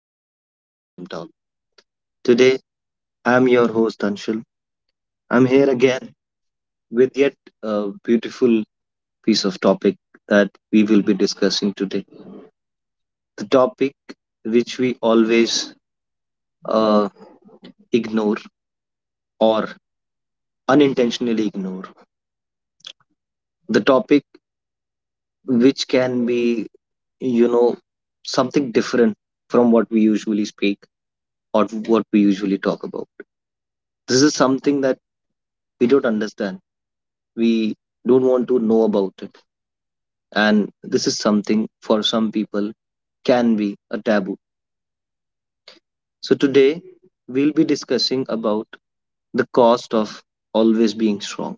Welcome to the 5 p.m. talk. Today, I'm your host, Anshul. I'm here again with yet a beautiful piece of topic that we will be discussing today. The topic which we always uh, ignore or unintentionally ignore. The topic which can be, you know, something different from what we usually speak or what we usually talk about. This is something that we don't understand. We don't want to know about it, and this is something for some people can be a taboo. So today we'll be discussing about the cost of always being strong.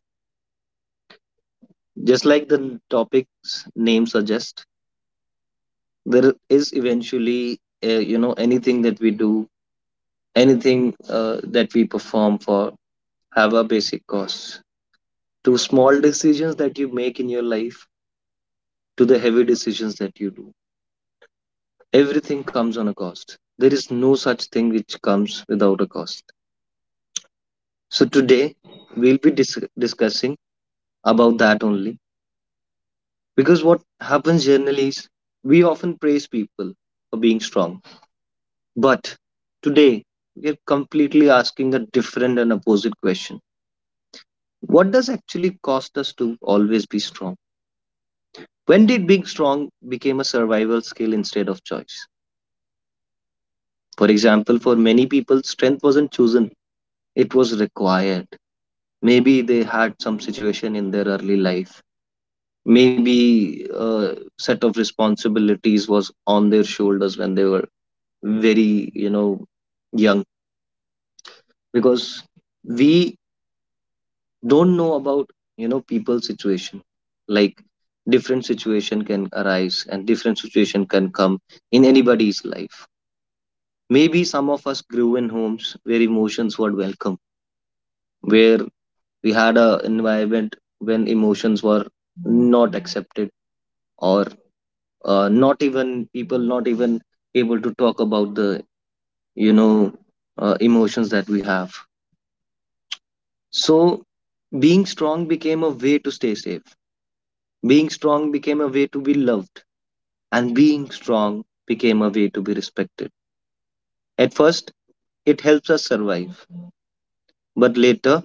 Just like the topic's name suggests, there is eventually anything that we do, anything that we perform for have a basic cost. To small decisions that you make in your life, to the heavy decisions that you do, everything comes on a cost. There is no such thing which comes without a cost. So today we'll be discussing about that only, because what happens generally is we often praise people for being strong, but today we're completely asking a different and opposite question. What does actually cost us to always be strong? When did being strong became a survival skill instead of choice? For example, for many people, strength wasn't chosen; it was required. Maybe they had some situation in their early life, maybe a set of responsibilities was on their shoulders when they were very, you know, young, because we don't know about, you know, people's situation. Like, different situation can arise and different situation can come in anybody's life. Maybe some of us grew in homes where emotions were welcome, where we had a environment when emotions were not accepted, or not even people not even able to talk about the, you know, emotions that we have. So being strong became a way to stay safe, being strong became a way to be loved, and being strong became a way to be respected. At first it helps us survive, but later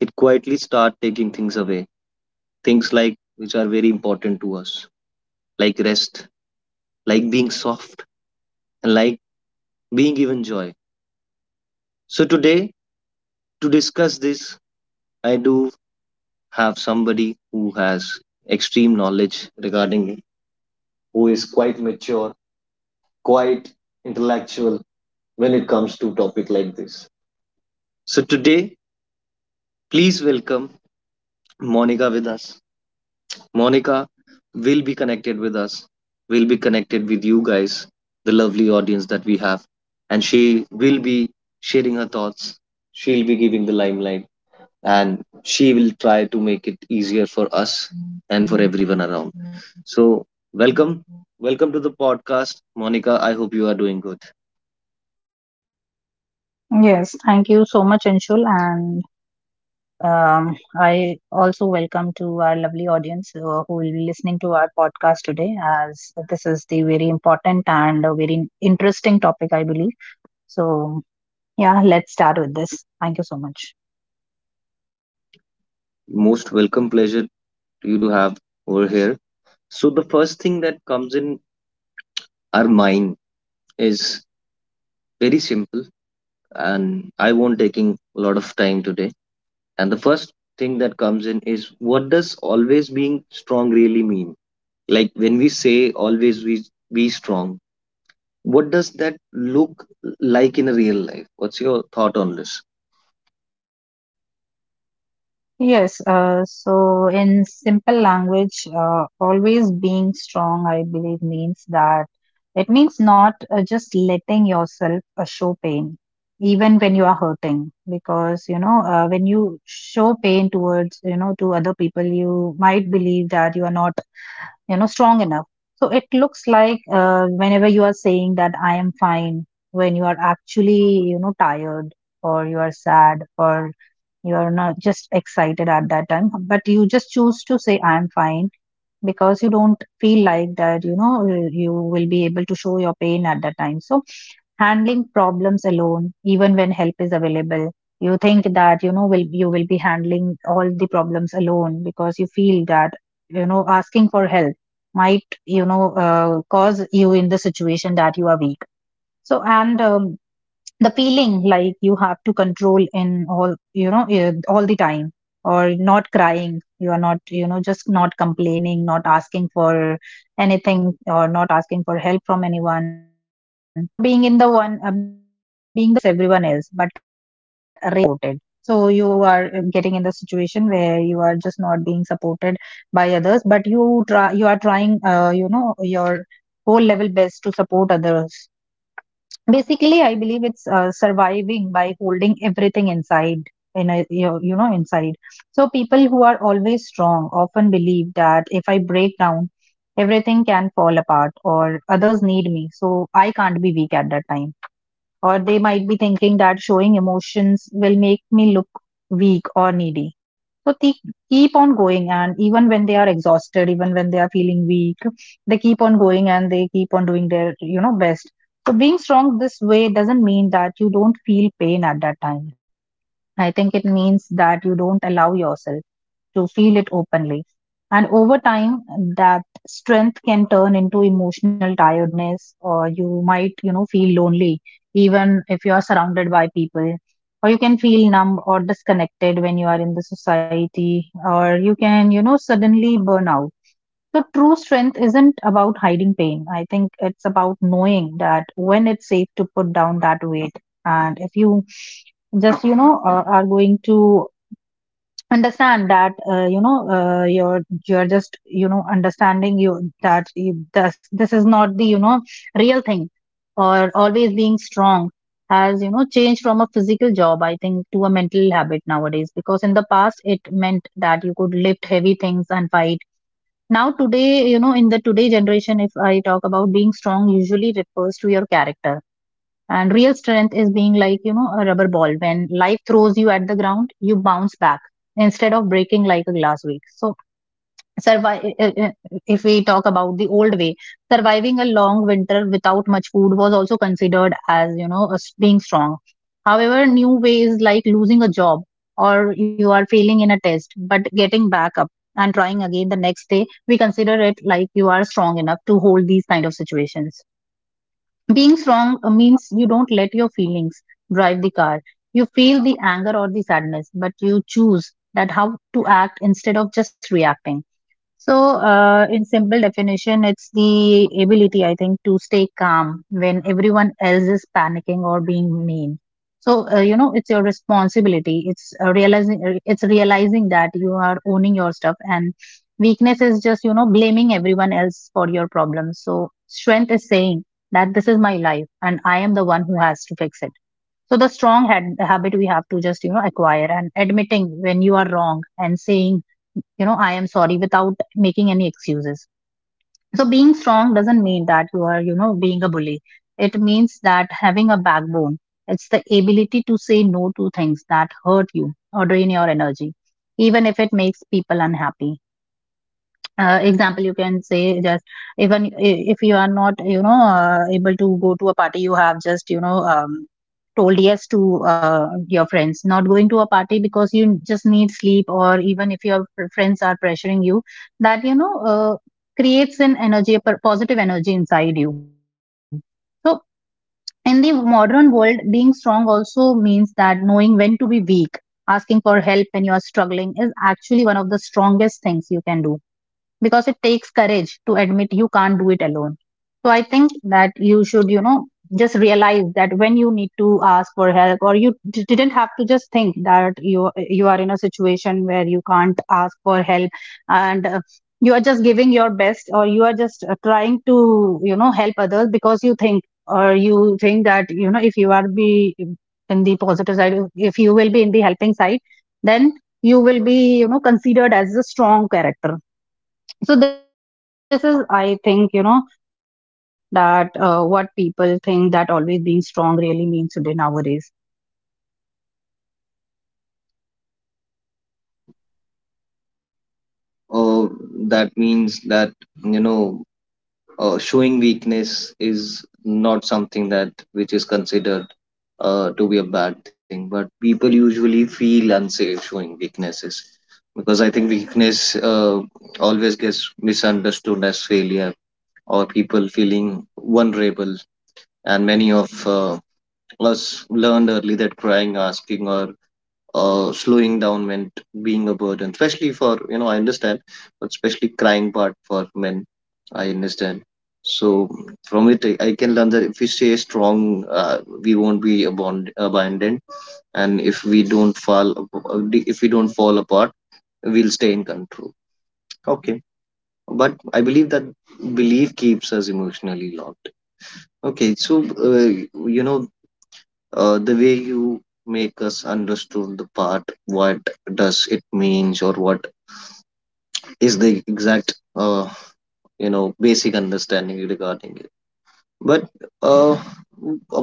it quietly start taking things away, things like which are very important to us, like rest, like being soft, and like being even joy. So today, to discuss this, I do have somebody who has extreme knowledge regarding it, who is quite mature, quite intellectual when it comes to topic like this. So today, please welcome Monica with us. Monica will be connected with us, will be connected with you guys, the lovely audience that we have, and she will be sharing her thoughts. She'll be giving the limelight and she will try to make it easier for us and for everyone around. So, welcome. Welcome to the podcast, Monica. I hope you are doing good. Yes, thank you so much, Anshul. And um, I also welcome to our lovely audience who will be listening to our podcast today, as this is the very important and a very interesting topic, I believe. So, yeah, let's start with this. Thank you so much. Most welcome pleasure to you to have over here. So, the first thing that comes in our mind is very simple, and I won't taking a lot of time today. And the first thing that comes in is, what does always being strong really mean? Like, when we say always we be strong, what does that look like in a real life? What's your thought on this? Yes, so in simple language, always being strong, I believe, means that it means not just letting yourself show pain, even when you are hurting. Because, you know, when you show pain towards, you know, to other people, you might believe that you are not, you know, strong enough. So it looks like whenever you are saying that I am fine, when you are actually, you know, tired or you are sad or you are not just excited at that time, but you just choose to say I am fine because you don't feel like that, you know, you will be able to show your pain at that time. So handling problems alone even when help is available, you think that, you know, will you will be handling all the problems alone because you feel that, you know, asking for help might, you know, cause you in the situation that you are weak. So and um, the feeling like you have to control in all, you know, all the time, or not crying, you are not, you know, just not complaining, not asking for anything, or not asking for help from anyone, or being in the one being the one who supports everyone else but rarely being supported. So you are getting in the situation where you are just not being supported by others, but you are trying, you know, your whole level best to support others. Basically, I believe it's surviving by holding everything inside in a, you know, inside. So people who are always strong often believe that if I break down, everything can fall apart, or others need me, so I can't be weak at that time. Or they might be thinking that showing emotions will make me look weak or needy. So they keep on going, and even when they are exhausted, even when they are feeling weak, they keep on going and they keep on doing their, you know, best. So being strong this way doesn't mean that you don't feel pain at that time. I think it means that you don't allow yourself to feel it openly. And over time, that strength can turn into emotional tiredness, or you might, you know, feel lonely even if you are surrounded by people. Or you can feel numb or disconnected when you are in the society, or you can, you know, suddenly burn out. So, true strength isn't about hiding pain. I think it's about knowing that when it's safe to put down that weight. And if you just, you know, are going to understand that you know you're just, you know, understanding you that this is not the, you know, real thing. Or always being strong has, you know, changed from a physical job, I think, to a mental habit nowadays, because in the past it meant that you could lift heavy things and fight. Now today, you know, in the today generation, if I talk about being strong, usually refers to your character. And real strength is being like, you know, a rubber ball. When life throws you at the ground, you bounce back instead of breaking like a glass week. So, survive, if we talk about the old way, surviving a long winter without much food was also considered as, you know, as being strong. However, new ways like losing a job or you are failing in a test, but getting back up and trying again the next day, we consider it like you are strong enough to hold these kind of situations. Being strong means you don't let your feelings drive the car. You feel the anger or the sadness, but you choose that how to act instead of just reacting. So, in simple definition, it's the ability, I think, to stay calm when everyone else is panicking or being mean. So, you know, it's your responsibility. It's realizing that you are owning your stuff, and weakness is just, you know, blaming everyone else for your problems. So, strength is saying that this is my life, and I am the one who has to fix it. So the habit we have to just, you know, acquire, and admitting when you are wrong and saying, you know, I am sorry without making any excuses. So being strong doesn't mean that you are, you know, being a bully. It means that having a backbone. It's the ability to say no to things that hurt you or drain your energy, even if it makes people unhappy. Example, you can say, just if you are not, you know, able to go to a party, you have just, you know, told yes to, your friends, not going to a party because you just need sleep, or even if your friends are pressuring you that, you know, creates an energy, a positive energy inside you. So in the modern world, being strong also means that knowing when to be weak, asking for help when you are actually one of the strongest things you can do, because it takes courage to admit you can't do it alone. So I think that you should, you know, just realize that when you need to ask for help, or you didn't have to just think that you are in a situation where you can't ask for help. And you are just giving your best, or you are just, trying to, you know, help others, because you think that, you know, if you are be in the positive side, if you will be in the helping side, then you will be, you know, considered as a strong character. So this is, I think, you know, that what people think that always being strong really means today nowadays. So uh, that means that, you know, showing weakness is not something that which is considered to be a bad thing, but people usually feel unsafe showing weaknesses, because I think weakness uh, always gets misunderstood as failure, or people feeling vulnerable. And many of uh, us learned early that crying, asking, or slowing down meant being a burden, especially for, you know, I understand, but especially crying part for men, I understand. So from it, I can learn that if we stay strong, we won't be abandoned, and if we don't fall, if we don't fall apart, we'll stay in control. Okay, but I believe that belief keeps us emotionally locked. Okay, so, you know the way you make us understood the part what does it means, or what is the exact basic understanding regarding it, but uh,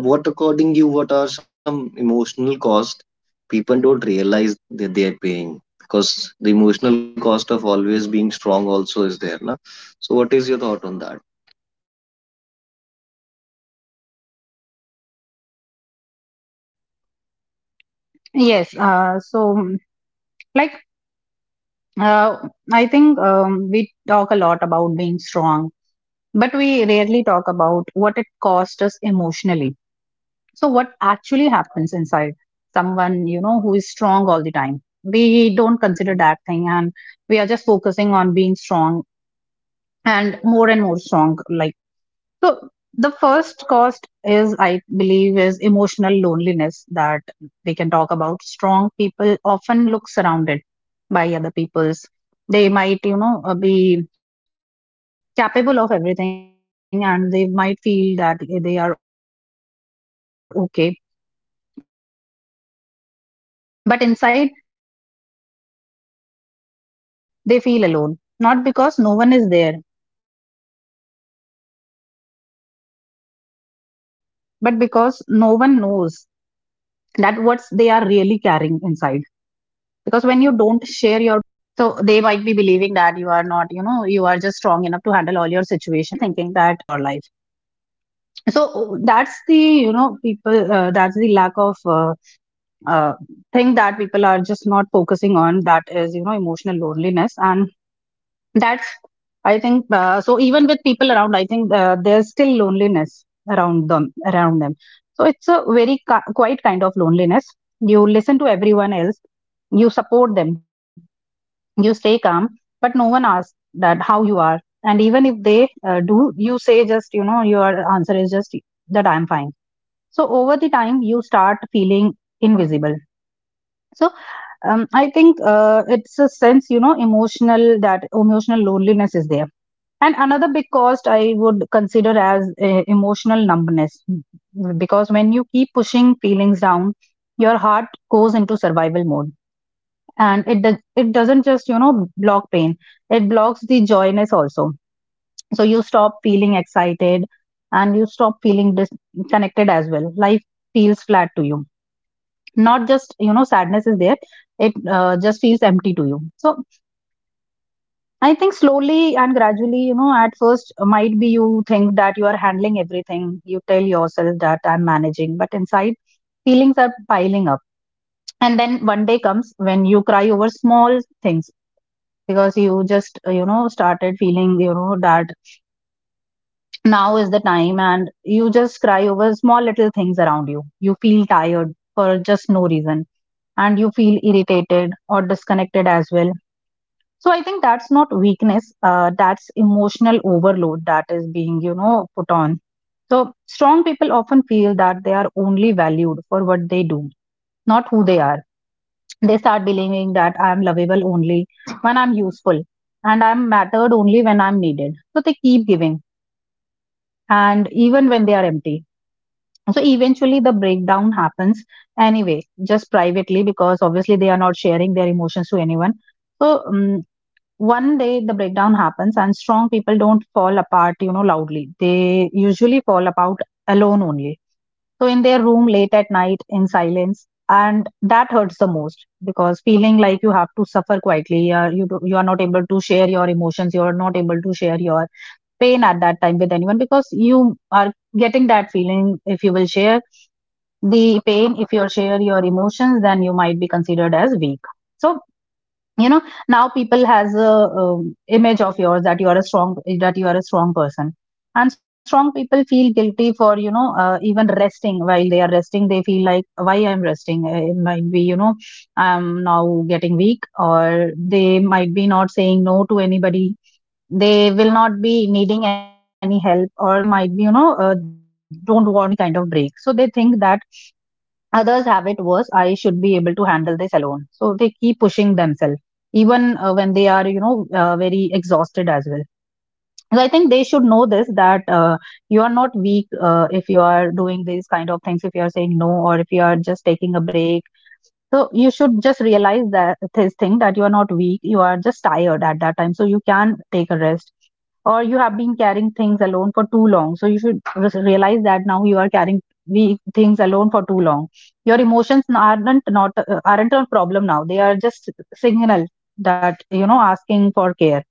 what according you what are some emotional cost people don't realize that they are paying, because the emotional cost of always being strong also is there na? So what is your thought on that? Yes, so like uh, I think we talk a lot about being strong, but we rarely talk about what it costs us emotionally. So what happens inside someone, you know, who is strong all the time? We don't consider that thing, and we are just focusing on being strong, and more strong like. So the first cost is, I believe, is emotional loneliness that we can talk about. Strong people often look surrounded by other people's. They might, you know, be capable of everything, and they might feel that they are okay. But inside, they feel alone. Not because no one is there, but because no one knows that what they are really carrying inside. Because when you don't share your pain, people assume that you don't have any pain situation as well, and you don't have any kind of problem in your life. So that's the, you know, people, that's the lack of uh, thing that people are just not focusing on, that is, you know, emotional loneliness. And that's, I think so. Even with people around, I think there's still loneliness around them, so it's a very quiet kind of loneliness. You listen to everyone else, you support them, you stay calm, but no one asks that how you are. And even if they do, you say, just, you know, your answer is just that I'm fine. So over the time, you start feeling invisible. So I think, it's a sense, you know, emotional, that emotional loneliness is there. And another big cost I would consider as emotional numbness. Because when you keep pushing feelings down, your heart goes into survival mode. And it doesn't just, you know, block pain, it blocks the joyness also. So you stop feeling excited, and you stop feeling disconnected as well. Life feels flat to you. Not just, you know, sadness is there, it just feels empty to you. So I think slowly and gradually, you know, at first might be you think that you are handling everything. You tell yourself that I'm managing, but inside feelings are piling up. And then one day comes when you cry over small things because you just, you know, started feeling, you know, that now is the time, and you just cry over small little things around you. You feel tired for just no reason, and you feel irritated or disconnected as well. So I think that's not weakness. That's emotional overload that is being, you know, put on. So strong people often feel that they are only valued for what they do, not who they are. They start believing that I am lovable only when I'm useful and I'm mattered only when I'm needed. So they keep giving and even when they are empty. So eventually the breakdown happens anyway, just privately because obviously they are not sharing their emotions to anyone. So one day the breakdown happens and strong people don't fall apart, loudly. They usually fall apart alone only, so in their room late at night in silence. And that hurts the most because feeling like you have to suffer quietly, you do, you are not able to share your emotions, you are not able to share your pain at that time with anyone because you are getting that feeling, if you will share the pain, if you share your emotions, then you might be considered as weak. So, you know now people has a image of yours that you are a strong that you are a strong person. And strong people feel guilty for, even resting. While they are resting, they like, why I'm resting? It might be, I'm now getting weak. Or they might be not saying no to anybody, they will not be needing any help, or they might be, don't want to take any kind of break. So they think that others have it worse, I should be able to handle this alone, so they keep pushing themselves even when they are, very exhausted as well. So I think they should know this, that you are not weak if you are doing these kind of things, if you are saying no or if you are just taking a break. So you should just realize that this thing, that you are not weak, you are just tired at that time. So you can take a rest. Or you have been carrying things alone for too long. So you should realize that now you are carrying we things alone for too long. Your emotions aren't a problem now. They are just signal that, asking for care.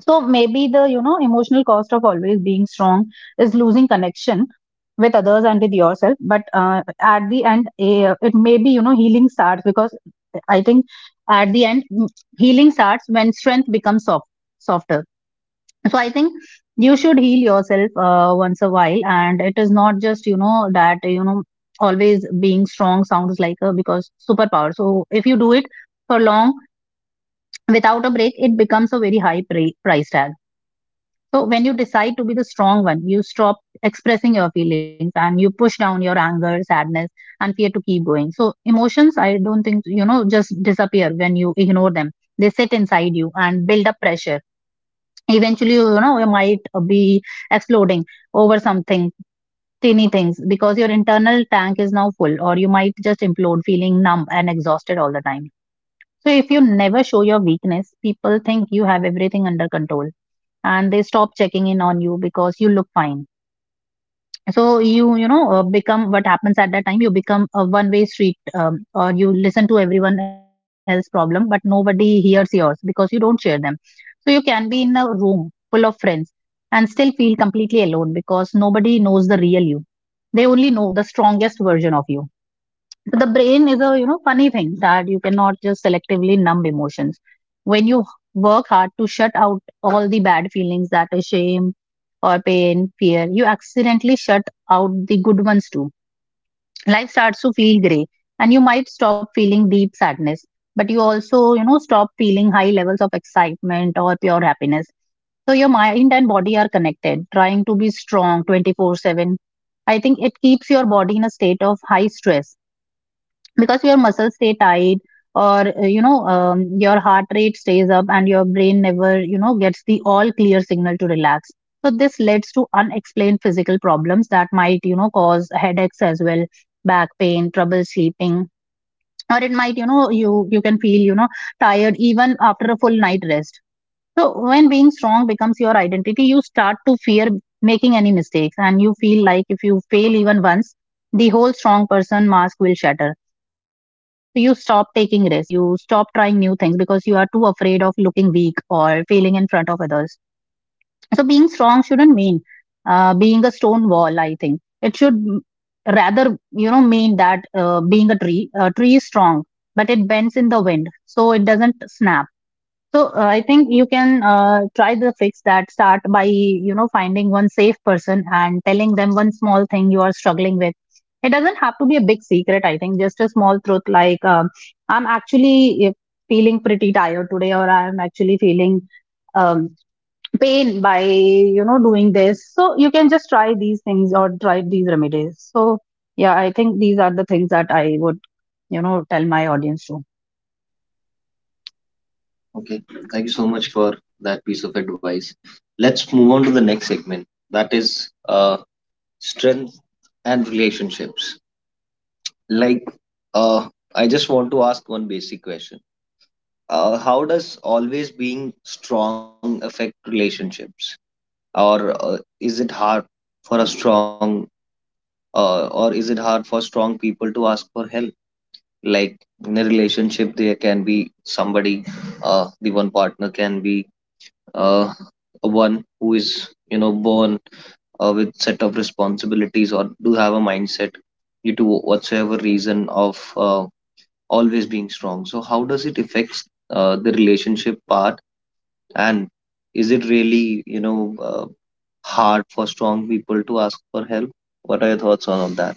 So maybe the, emotional cost of always being strong is losing connection with others and with yourself. But at the end, it may be, healing starts because I think at the end, healing starts when strength becomes softer. So I think you should heal yourself once a while. And it is not just, that, always being strong sounds like a because superpower. So if you do it for long without a break, it becomes a very high price tag. So when you decide to be the strong one, you stop expressing your feelings and you push down your anger, sadness, and fear to keep going. So emotions, I don't think, just disappear when you ignore them. They sit inside you and build up pressure. Eventually, you might be exploding over something, tiny things, because your internal tank is now full. Or you might just implode, feeling numb and exhausted all the time. So if you never show your weakness, people think you have everything under control and they stop checking in on you because you look fine. So you know become, what happens at that time, you become a one way street, or you listen to everyone else's problem but nobody hears yours because you don't share them. So you can be in a room full of friends and still feel completely alone because nobody knows the real you. They only know the strongest version of you. The brain is a, funny thing, that you cannot just selectively numb emotions. When you work hard to shut out all the bad feelings, that is shame or pain, fear, you accidentally shut out the good ones too. Life starts to feel gray and you might stop feeling deep sadness, but you also, stop feeling high levels of excitement or pure happiness. So your mind and body are connected. Trying to be strong 24/7, I think it keeps your body in a state of high stress because your muscles stay tight, or your heart rate stays up and your brain never, gets the all clear signal to relax. So this leads to unexplained physical problems that might, cause headaches as well, back pain, trouble sleeping. Or it might, you can feel, tired even after a full night rest. So when being strong becomes your identity, you start to fear making any mistakes and you feel like if you fail even once, the whole strong person mask will shatter. So you stop taking risks, you stop trying new things because you are too afraid of looking weak or failing in front of others. So being strong shouldn't mean being a stone wall, I think. It should, rather, mean that being a tree. A tree is strong, but it bends in the wind, so it doesn't snap. So I think you can try the fix, that start by, finding one safe person and telling them one small thing you are struggling with. It doesn't have to be a big secret. I think just a small truth like, I'm actually feeling pretty tired today, or I'm actually feeling um, pain by, doing this. So you can just try these things or try these remedies. So yeah, I think these are the things that I would, tell my audience to. Okay, thank you so much for that piece of advice. Let's move on to the next segment, that is uh, strength and relationships. Like, uh I just want to ask one basic question. How does always being strong affect relationships, or is it hard for a strong or is it hard for strong people to ask for help? Like, in a relationship there can be somebody, the one partner can be uh, one who is, you know, born with set of responsibilities, or do have a mindset due to whatsoever reason of always being strong. So how does it affect the relationship part, and is it really, you know, hard for strong people to ask for help? What are your thoughts on all that?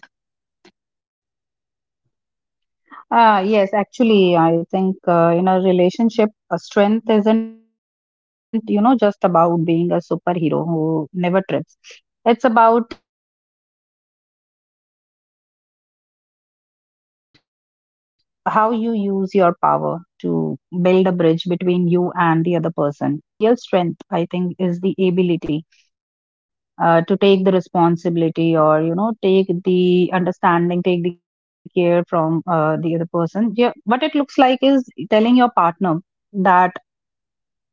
Yes, actually, I think in a relationship, a strength isn't, just about being a superhero who never trips. It's about how you use your power to build a bridge between you and the other person. A real strength, I think, is the ability to take the responsibility, or take the understanding, take the care from the other person. Yeah, what it looks like is telling your partner that,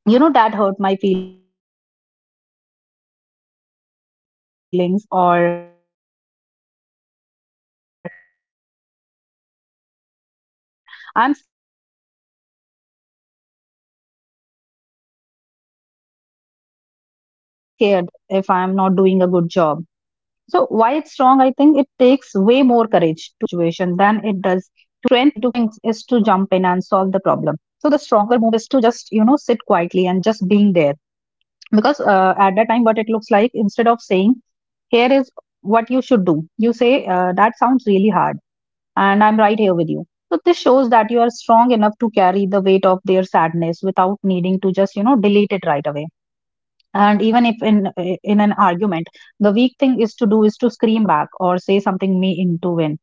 that hurt my feelings, or I'm scared if I'm not doing a good job. So why it's wrong? I think it takes way more courage to be honest, or you can say, taking the responsibility of the situation, than it does to act like a robot who just, doesn't care. So the strength to listen without, just trying to fix it when someone we love is hurting. Our strong instinct is to jump in and solve the problem. So the stronger move is to just, sit quietly and just being there. Because at that time, what it looks like, instead of saying here is what you should do, you say, that sounds really you. So this shows that you are strong enough to carry the weight of their sadness without needing to just, delete it right away. And even if in an argument, the weak thing is to do is to scream back or say something me into win.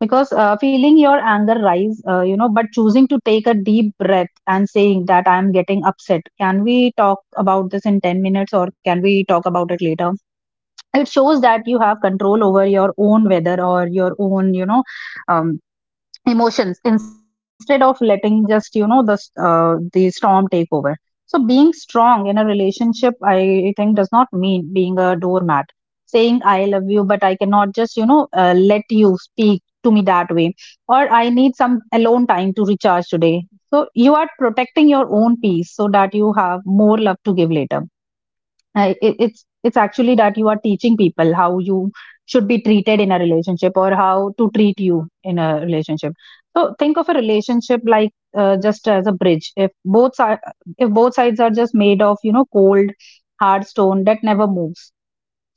Because feeling your anger rise, but choosing to take a deep breath and saying that I am getting upset, can we talk about this in 10 minutes, or can we talk about it later. It shows that you have control over your own weather, or your own, um, emotions, instead of letting just, the storm take over. So being strong in a relationship, I think, does not mean being a doormat. Saying I love you, but I cannot just, let you speak to me that way. Or I need some alone time to recharge today. So you are protecting your own peace so that you have more love to give later. It's actually that you are teaching people how you should be treated in a relationship, or how to treat you in a relationship. So think of a relationship like just as a bridge. If if both sides are just made of, cold hard stone that never moves,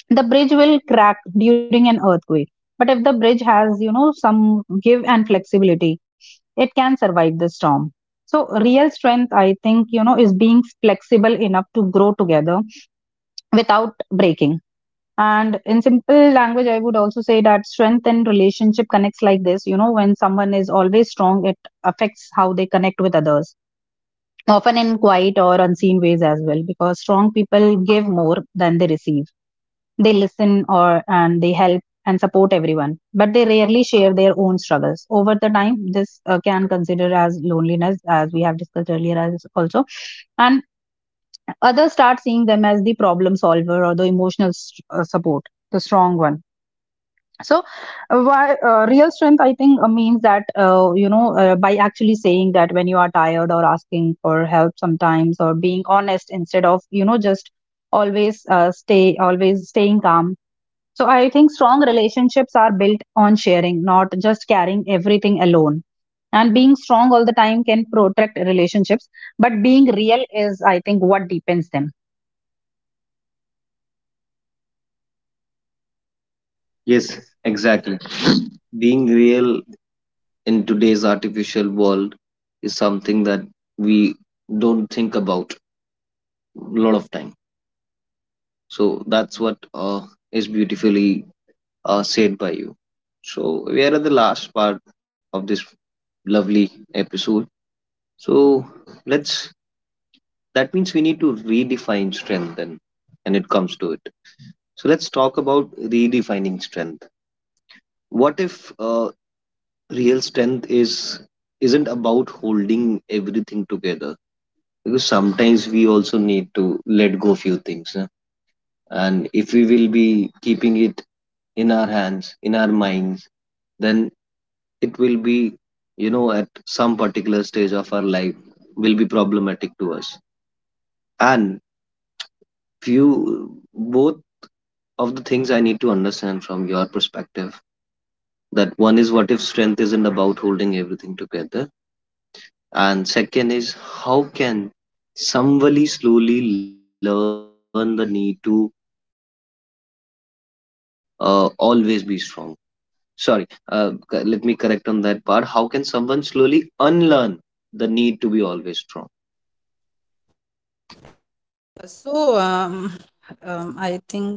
the bridge will crack during an earthquake. But if the bridge has, some give and flexibility, it can survive the storm. So real strength, I think, is being flexible enough to grow together without breaking. And in simple language, I would also say that strength in relationship connects like this. You know, when someone is always strong, it affects how they connect with others, often in quiet or unseen ways as well, because strong people give more than they receive. They listen or and they help and support everyone, but they rarely share their own struggles. Over the time, this can consider as loneliness, as we have discussed earlier as also. And others start seeing them as the problem solver or the emotional s support, the strong one. So why real strength, I think, means that, by actually saying that when you are tired or asking for help sometimes or being honest instead of just always uh, stay always staying calm. So I think strong relationships are built on sharing, not just carrying everything alone, and being strong all the time can protect relationships, but being real is, I think, what deepens them. Yes, exactly. Being real in today's artificial world is something that we don't think about a lot of time. So that's what is beautifully said by you. So we are at the last part of this lovely episode. So let's, that means, we need to redefine strength then, and it comes to it. So let's talk about redefining strength. What if real strength is isn't about holding everything together? Because sometimes we also need to let go few things, huh? And if we will be keeping it in our hands, in our minds, then it will be, you know, at some particular stage of our life will be problematic to us. And few both of the things I need to understand from your perspective. That one is, what if strength isn't about holding everything together? And second is, how can somebody slowly learn the need to always be strong? Sorry, let me correct on that part. How can someone slowly unlearn the need to be always strong? So, um,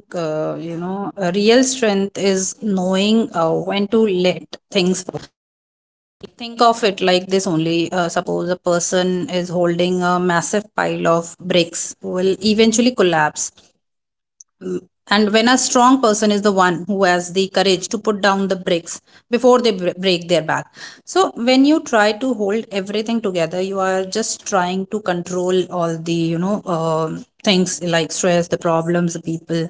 um, I think, a real strength is knowing when to let things. Think of it like this only. Suppose a person is holding a massive pile of bricks, will eventually collapse. And when a strong person is the one who has the courage to put down the bricks before they break their back. So, when you try to hold everything together, you are just trying to control all the, things like stress, the problems, the people.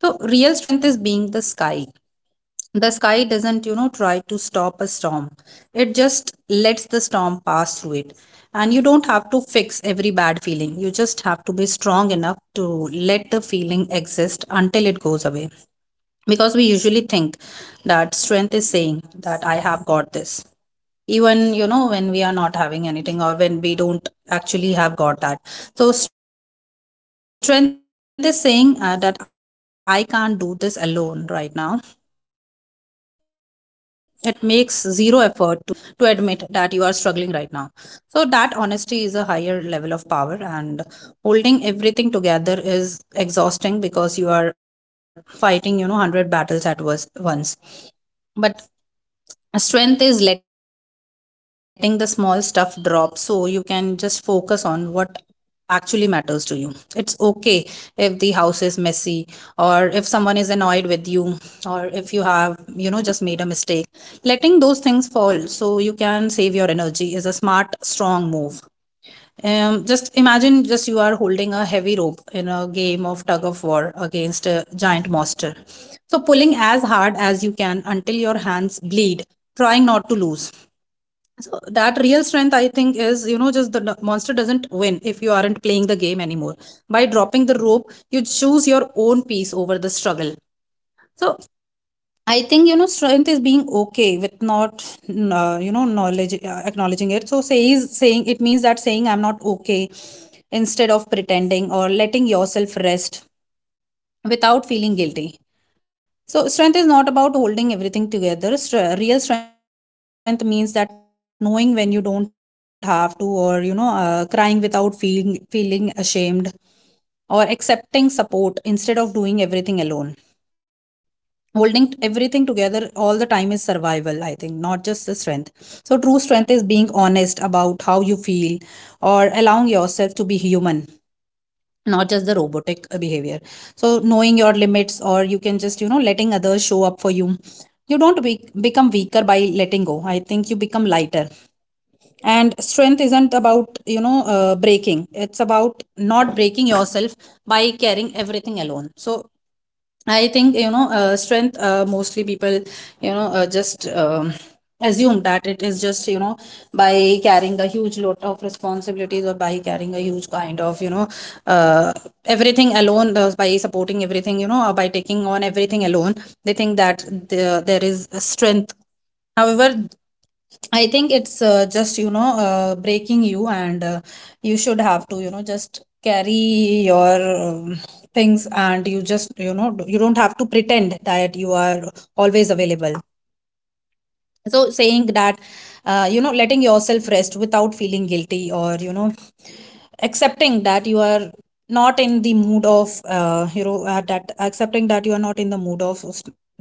So, real strength is being the sky. The sky doesn't, you know, try to stop a storm, it just lets the storm pass through it. And you don't have to fix every bad feeling, you just have to be strong enough to let the feeling exist until it goes away, because we usually think that strength is saying that I have got this, even, you know, when we are not having anything or when we don't actually have got that. So strength is saying that I can't do this alone right now. It makes zero effort to pretend that you are okay, but it takes huge strength to admit that you are struggling right now. So that honesty is a higher level of power, and holding everything together is exhausting because you are fighting, you know, 100 battles at was once. But strength is letting the small stuff drop so you can just focus on what actually matters to you. It's okay if the house is messy, or if someone is annoyed with you, or if you have, you know, just made a mistake. Letting those things fall so you can save your energy is a smart, strong move. Just imagine just you are holding a heavy rope in a game of tug of war against a giant monster. So pulling as hard as you can until your hands bleed, trying not to lose. So that real strength, I think, is, you know, just the monster doesn't win if you aren't playing the game anymore. By dropping the rope, you choose your own peace over the struggle. So I think, you know, strength is being okay with not you know knowledge acknowledging it. So say is saying it means that saying I'm not okay instead of pretending, or letting yourself rest without feeling guilty. So strength is not about holding everything together. Real strength means that knowing when you don't have to, or, you know, crying without feeling ashamed, or accepting support instead of doing everything alone. Holding everything together all the time is survival, I think, not just the strength. So true strength is being honest about how you feel, or allowing yourself to be human, not just the robotic behavior. So knowing your limits, or you can just, you know, letting others show up for you. You don't become weaker by letting go, I think you become lighter. And strength isn't about, breaking, it's about not breaking yourself by carrying everything alone. So mostly people, you know just assume that it is just, you know, by carrying a huge load of responsibilities, or by carrying a huge kind of, uh, everything alone, by supporting everything, you know, or by taking on everything alone, they think that there is a strength. However, I think it's just, breaking you, and you should have to, you know, just carry your things, and you just, you know, you don't have to pretend that you are always available. So saying, you know, letting yourself rest without feeling guilty, or, you know, accepting that you are not in the mood of you know at that accepting that you are not in the mood of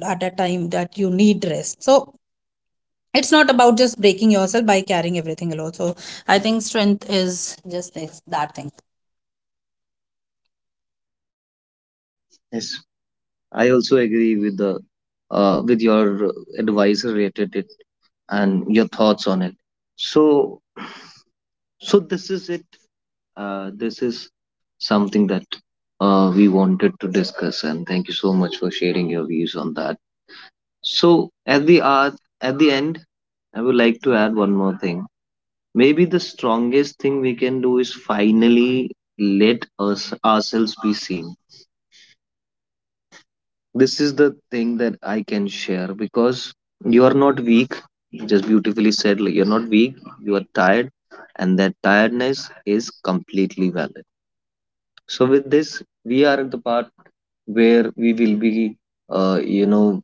at that time that you need rest. So it's not about just breaking yourself by carrying everything alone. So I think strength is just this, that thing. Yes. I also agree with the with your advice related it and your thoughts on it. So, so this is it. This is something that we wanted to discuss, and thank you so much for sharing your views on that. So at the end, I would like to add one more thing. Maybe the strongest thing we can do is finally let us ourselves be seen. This is the thing that I can share, because you are not weak. You just beautifully said, like, you're not weak, you are tired, and that tiredness is completely valid. So, with this, we are at the part where we will be, you know,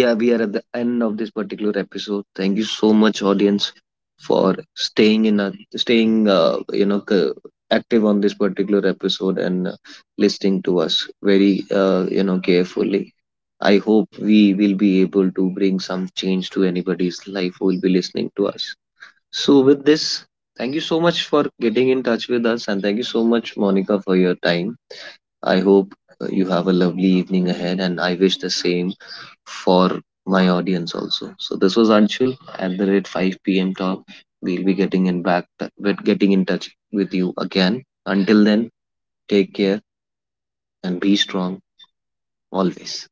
yeah, we are at the end of this particular episode. Thank you so much, audience, for staying in a staying, you know, c- active on this particular episode, and listening to us very, carefully. I hope we will be able to bring some change to anybody's life who will be listening to us. So, with this, thank you so much for getting in touch with us, and thank you so much, Monica, for your time. I hope you have a lovely evening ahead, and I wish the same for my audience also. So this was Anshul at the rate 5 p.m. talk. We'll be getting in touch with you again. Until then, take care and be strong always.